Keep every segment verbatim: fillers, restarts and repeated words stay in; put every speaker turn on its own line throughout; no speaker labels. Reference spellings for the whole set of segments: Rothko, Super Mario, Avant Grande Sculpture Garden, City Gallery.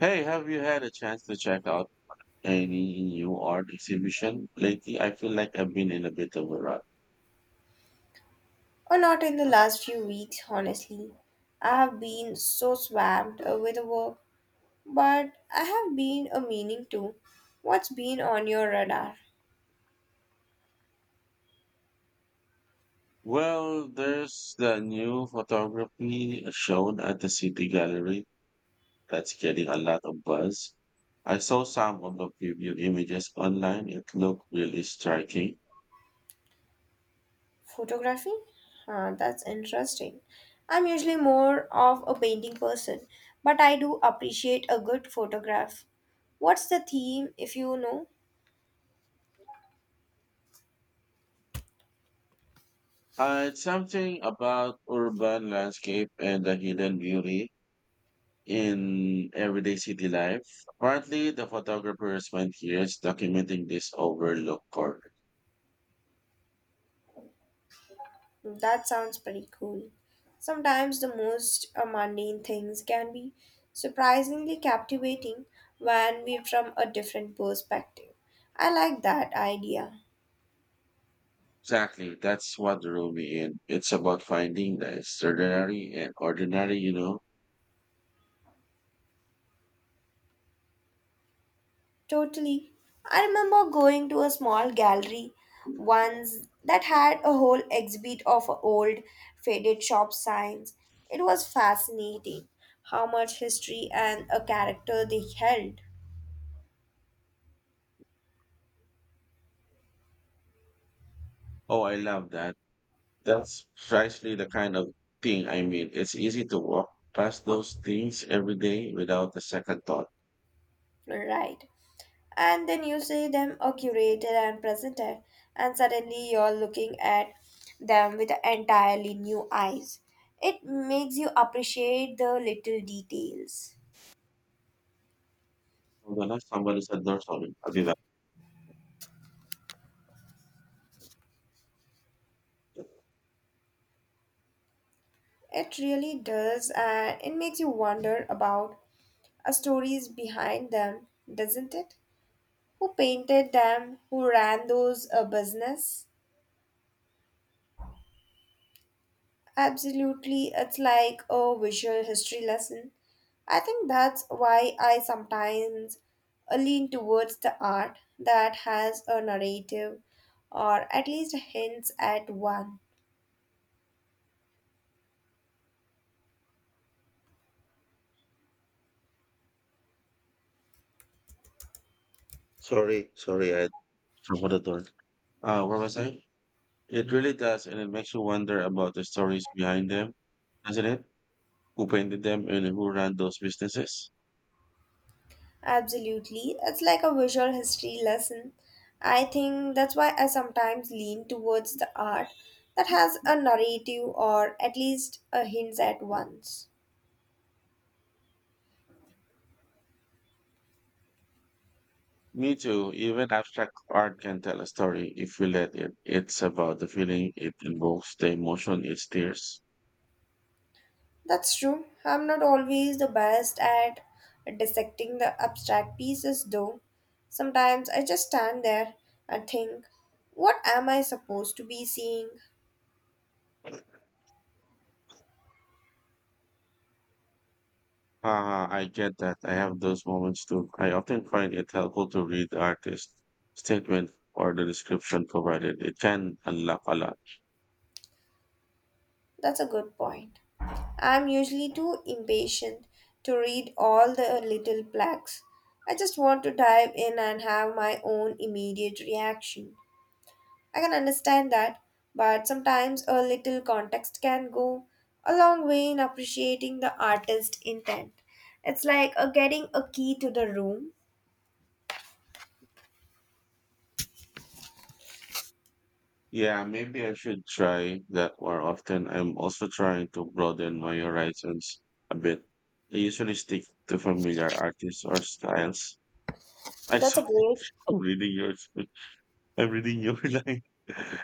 Hey, have you had a chance to check out any new art exhibition lately? I feel like I've been in a bit of a rut.
Or not in the last few weeks, honestly. I have been so swamped uh, with work, but I have been a meaning to. What's been on your radar?
Well, there's the new photography shown at the City Gallery that's getting a lot of buzz. I saw some of the preview images online. It looked really striking.
Photography? Huh, that's interesting. I'm usually more of a painting person, but I do appreciate a good photograph. What's the theme, if you know?
Uh, it's something about urban landscape and the hidden beauty in everyday city life. Partly the photographers spent years documenting this overlooked corner.
That sounds pretty cool. Sometimes the most uh, mundane things can be surprisingly captivating when viewed from a different perspective. I like that idea.
Exactly, that's what drew me in. It's about finding the extraordinary and ordinary, you know.
Totally. I remember going to a small gallery once that had a whole exhibit of old faded shop signs. It was fascinating how much history and a character they held.
Oh, I love that. That's precisely the kind of thing I mean. It's easy to walk past those things every day without a second thought.
Right. And then you see them are curated and presented, and suddenly you're looking at them with entirely new eyes. It makes you appreciate the little details.
Hold on, ah, somebody's at the door. Sorry, I'll be back.
It really does, and it makes you wonder about a stories behind them, doesn't it? Who painted them? Who ran those a business? Absolutely, it's like a visual history lesson. I think that's why I sometimes uh, lean towards the art that has a narrative or at least hints at one.
Sorry, sorry, I forgot the door. Uh, where was I? It really does, and it makes you wonder about the stories behind them, isn't it? Who painted them and who ran those businesses?
Absolutely, it's like a visual history lesson. I think that's why I sometimes lean towards the art that has a narrative or at least a hints at once.
Me too. Even abstract art can tell a story if you let it. It's about the feeling it invokes, the emotion it stirs.
That's true. I'm not always the best at dissecting the abstract pieces, though. Sometimes I just stand there and think, what am I supposed to be seeing?
Ah, I get that. I have those moments too. I often find it helpful to read the artist statement or the description provided. It can unlock a lot.
That's a good point. I'm usually too impatient to read all the little plaques. I just want to dive in and have my own immediate reaction. I can understand that, but sometimes a little context can go a long way in appreciating the artist's intent. It's like uh, getting a key to the room.
Yeah, maybe I should try that more often. I'm also trying to broaden my horizons a bit. I usually stick to familiar artists or styles. I
That's a
sorry,
great.
I'm reading yours. I'm reading your line.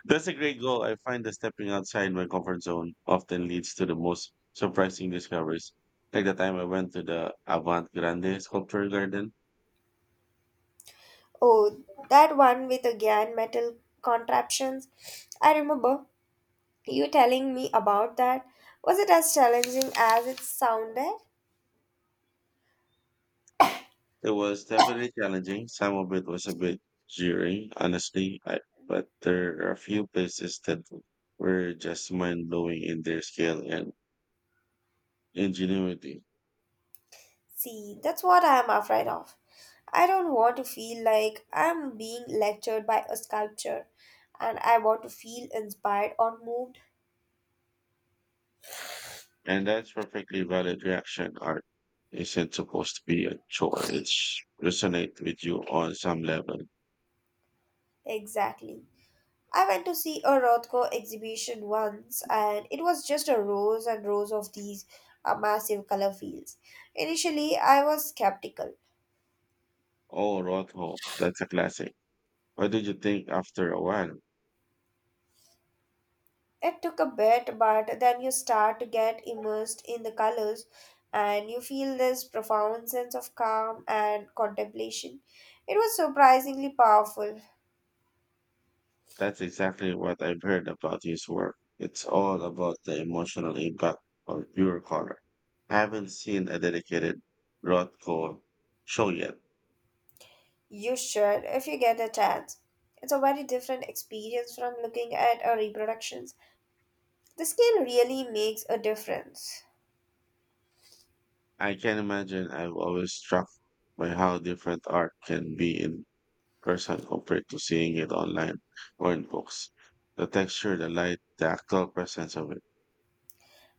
That's a great goal. I find that stepping outside my comfort zone often leads to the most surprising discoveries. Like the time I went to the Avant Grande Sculpture Garden.
Oh, that one with the Gyan metal contraptions. I remember you telling me about that. Was it as challenging as it sounded?
It was definitely challenging. Some of it was a bit jarring, honestly, I, but there are a few places that were just mind blowing in their scale and ingenuity.
See, that's what I am afraid of. I don't want to feel like I'm being lectured by a sculpture, and I want to feel inspired or moved.
And that's perfectly valid reaction. Art isn't supposed to be a chore. It's resonate with you on some level.
Exactly. I went to see a Rothko exhibition once, and it was just a rows and rows of these uh, massive color fields. Initially, I was skeptical.
Oh, Rothko, that's a classic. What did you think after a while?
It took a bit, but then you start to get immersed in the colors and you feel this profound sense of calm and contemplation. It was surprisingly powerful.
That's exactly what I've heard about his work. It's all about the emotional impact of pure color. I haven't seen a dedicated Rothko show yet.
You should, if you get a chance. It's a very different experience from looking at a reproductions. The scale really makes a difference.
I can imagine. I'm always struck by how different art can be in person compared to seeing it online or in books. The texture, the light, the actual presence of it.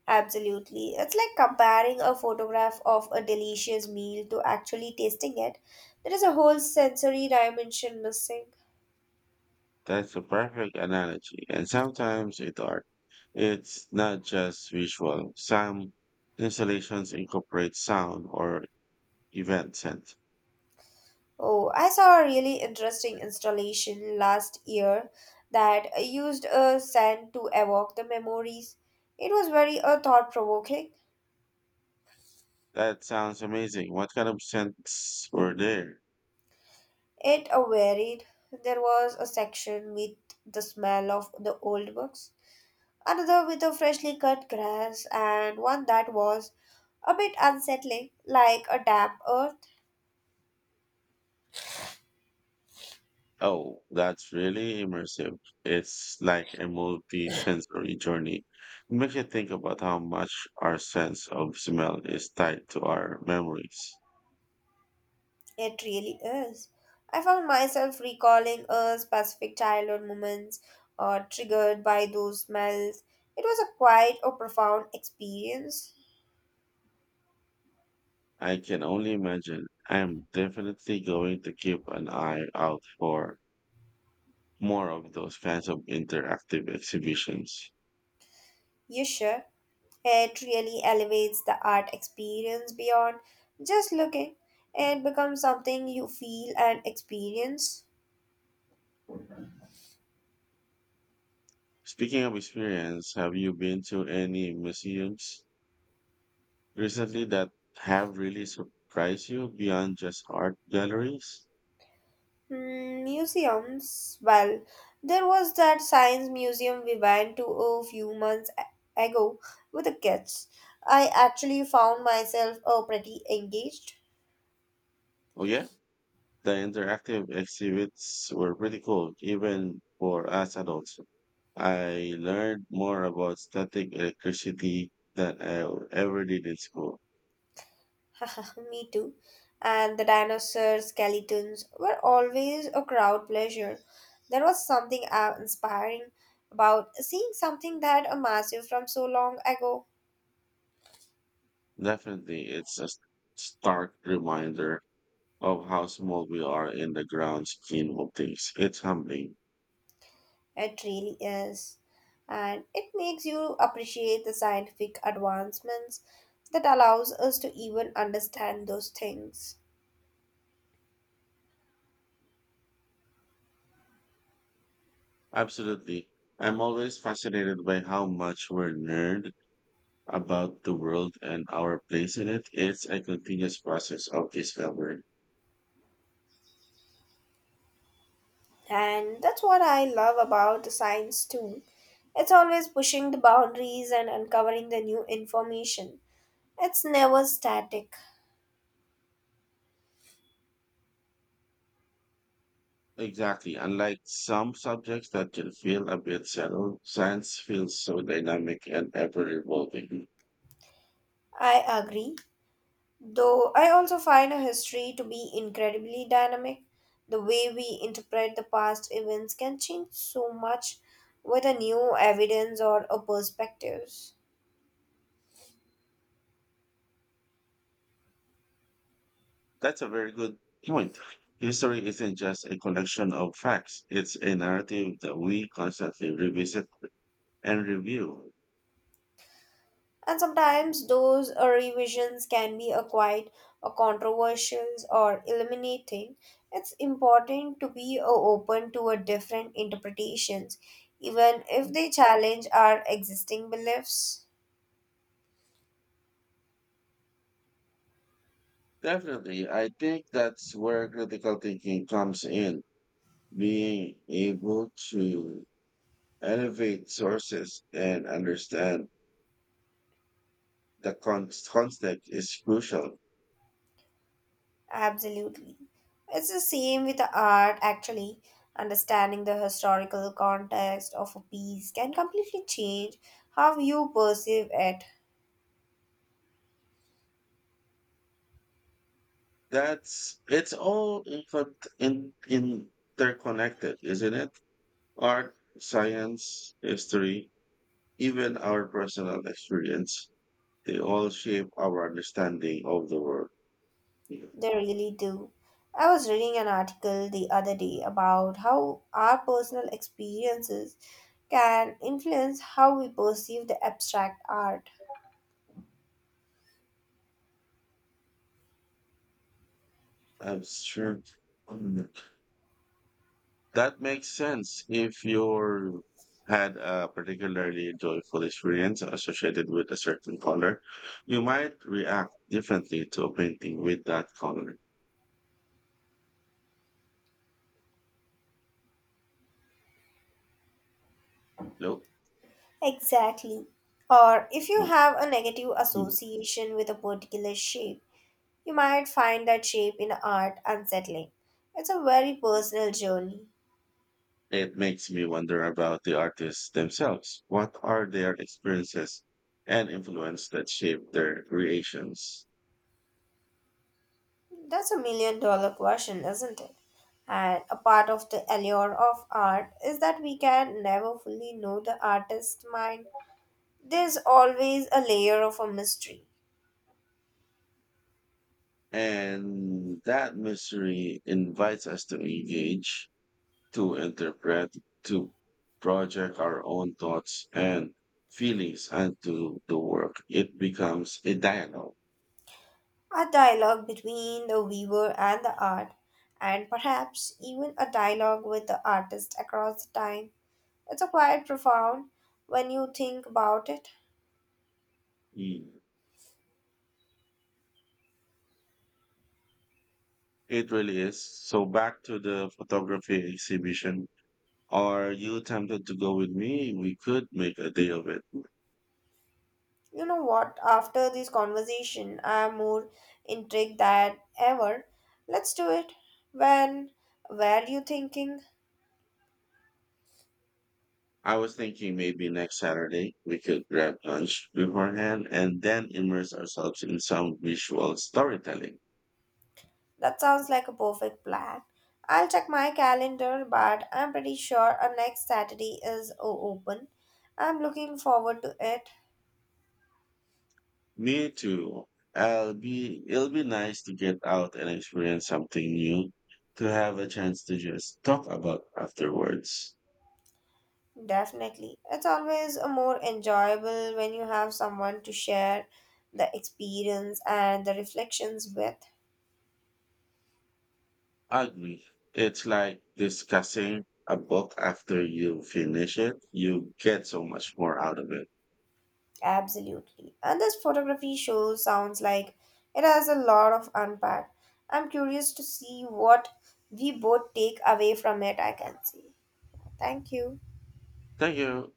Absolutely. It's like comparing a photograph of a delicious meal to actually tasting it. There is a whole sensory dimension missing.
That's a perfect analogy. And sometimes it art. It's not just visual. Some installations incorporate sound or event scent.
Oh, I saw a really interesting installation last year that used a sand to evoke the memories. It was very uh, thought provoking.
That sounds amazing. What kind of scents were there?
It uh, varied. There was a section with the smell of the old books, another with the freshly cut grass, and one that was a bit unsettling, like a damp earth.
Oh, that's really immersive. It's like a multi-sensory journey. It makes you think about how much our sense of smell is tied to our memories.
It really is. I found myself recalling uh, specific childhood moments uh, triggered by those smells. It was a quite a profound experience.
I can only imagine. I'm definitely going to keep an eye out for more of those kinds of interactive exhibitions.
You sure? It really elevates the art experience beyond just looking. It becomes something you feel and experience.
Speaking of experience, have you been to any museums recently that have really surprised you beyond just art galleries?
Hmm, museums. Well, there was that science museum we went to a few months a- ago with the kids. I actually found myself uh, pretty engaged.
Oh, yeah. The interactive exhibits were pretty cool, even for us adults. I learned more about static electricity than I ever did in school.
Me too. And the dinosaur skeletons were always a crowd pleasure. There was something uh, inspiring about seeing something that a massive from so long ago.
Definitely, it's a stark reminder of how small we are in the grand scheme of things. It's humbling.
It really is. And it makes you appreciate the scientific advancements that allows us to even understand those things.
Absolutely. I'm always fascinated by how much we're nerd about the world and our place in it. It's a continuous process of discovery.
And that's what I love about the science too. It's always pushing the boundaries and uncovering the new information. It's never static.
Exactly. Unlike some subjects that can feel a bit settled, science feels so dynamic and ever evolving.
I agree. Though I also find a history to be incredibly dynamic, the way we interpret the past events can change so much with a new evidence or a perspectives.
That's a very good point. History isn't just a collection of facts, it's a narrative that we constantly revisit and review.
And sometimes those uh, revisions can be acquired or controversial or eliminating. It's important to be uh, open to a different interpretations, even if they challenge our existing beliefs.
Definitely. I think that's where critical thinking comes in, being able to elevate sources and understand the con- context is crucial.
Absolutely. It's the same with the art, actually. Understanding the historical context of a piece can completely change how you perceive it.
That's it's all incon in, interconnected, isn't it? Art, science, history, even our personal experience, they all shape our understanding of the world. Yes,
They really do. I was reading an article the other day about how our personal experiences can influence how we perceive the abstract art.
I'm sure. That makes sense. If you had a particularly joyful experience associated with a certain color, you might react differently to a painting with that color. Look,
Exactly. Or if you
look,
have a negative
mm.
association with a particular shape, you might find that shape in art unsettling. It's a very personal journey.
It makes me wonder about the artists themselves. What are their experiences and influence that shape their creations?
That's a million dollar question, isn't it? And a part of the allure of art is that we can never fully know the artist's mind. There's always a layer of a mystery,
And that mystery invites us to engage, to interpret, to project our own thoughts and feelings onto the work. It becomes a dialogue.
a dialogue between the weaver and the art, and perhaps even a dialogue with the artist across the time. It's a quite profound when you think about it.
Mm. It really is. So back to the photography exhibition. Are you tempted to go with me? We could make a day of it.
You know what? After this conversation, I am more intrigued than ever. Let's do it. When were you thinking?
I was thinking maybe next Saturday we could grab lunch beforehand and then immerse ourselves in some visual storytelling.
That sounds like a perfect plan. I'll check my calendar, but I'm pretty sure our next Saturday is o- open. I'm looking forward to it.
Me too. I'll be, it'll be nice to get out and experience something new, to have a chance to just talk about afterwards.
Definitely. It's always a more enjoyable when you have someone to share the experience and the reflections with.
Agree. It's like discussing a book after you finish it. You get so much more out of it.
Absolutely. And this photography show sounds like it has a lot of unpack. I'm curious to see what we both take away from it, I can see. Thank you.
Thank you.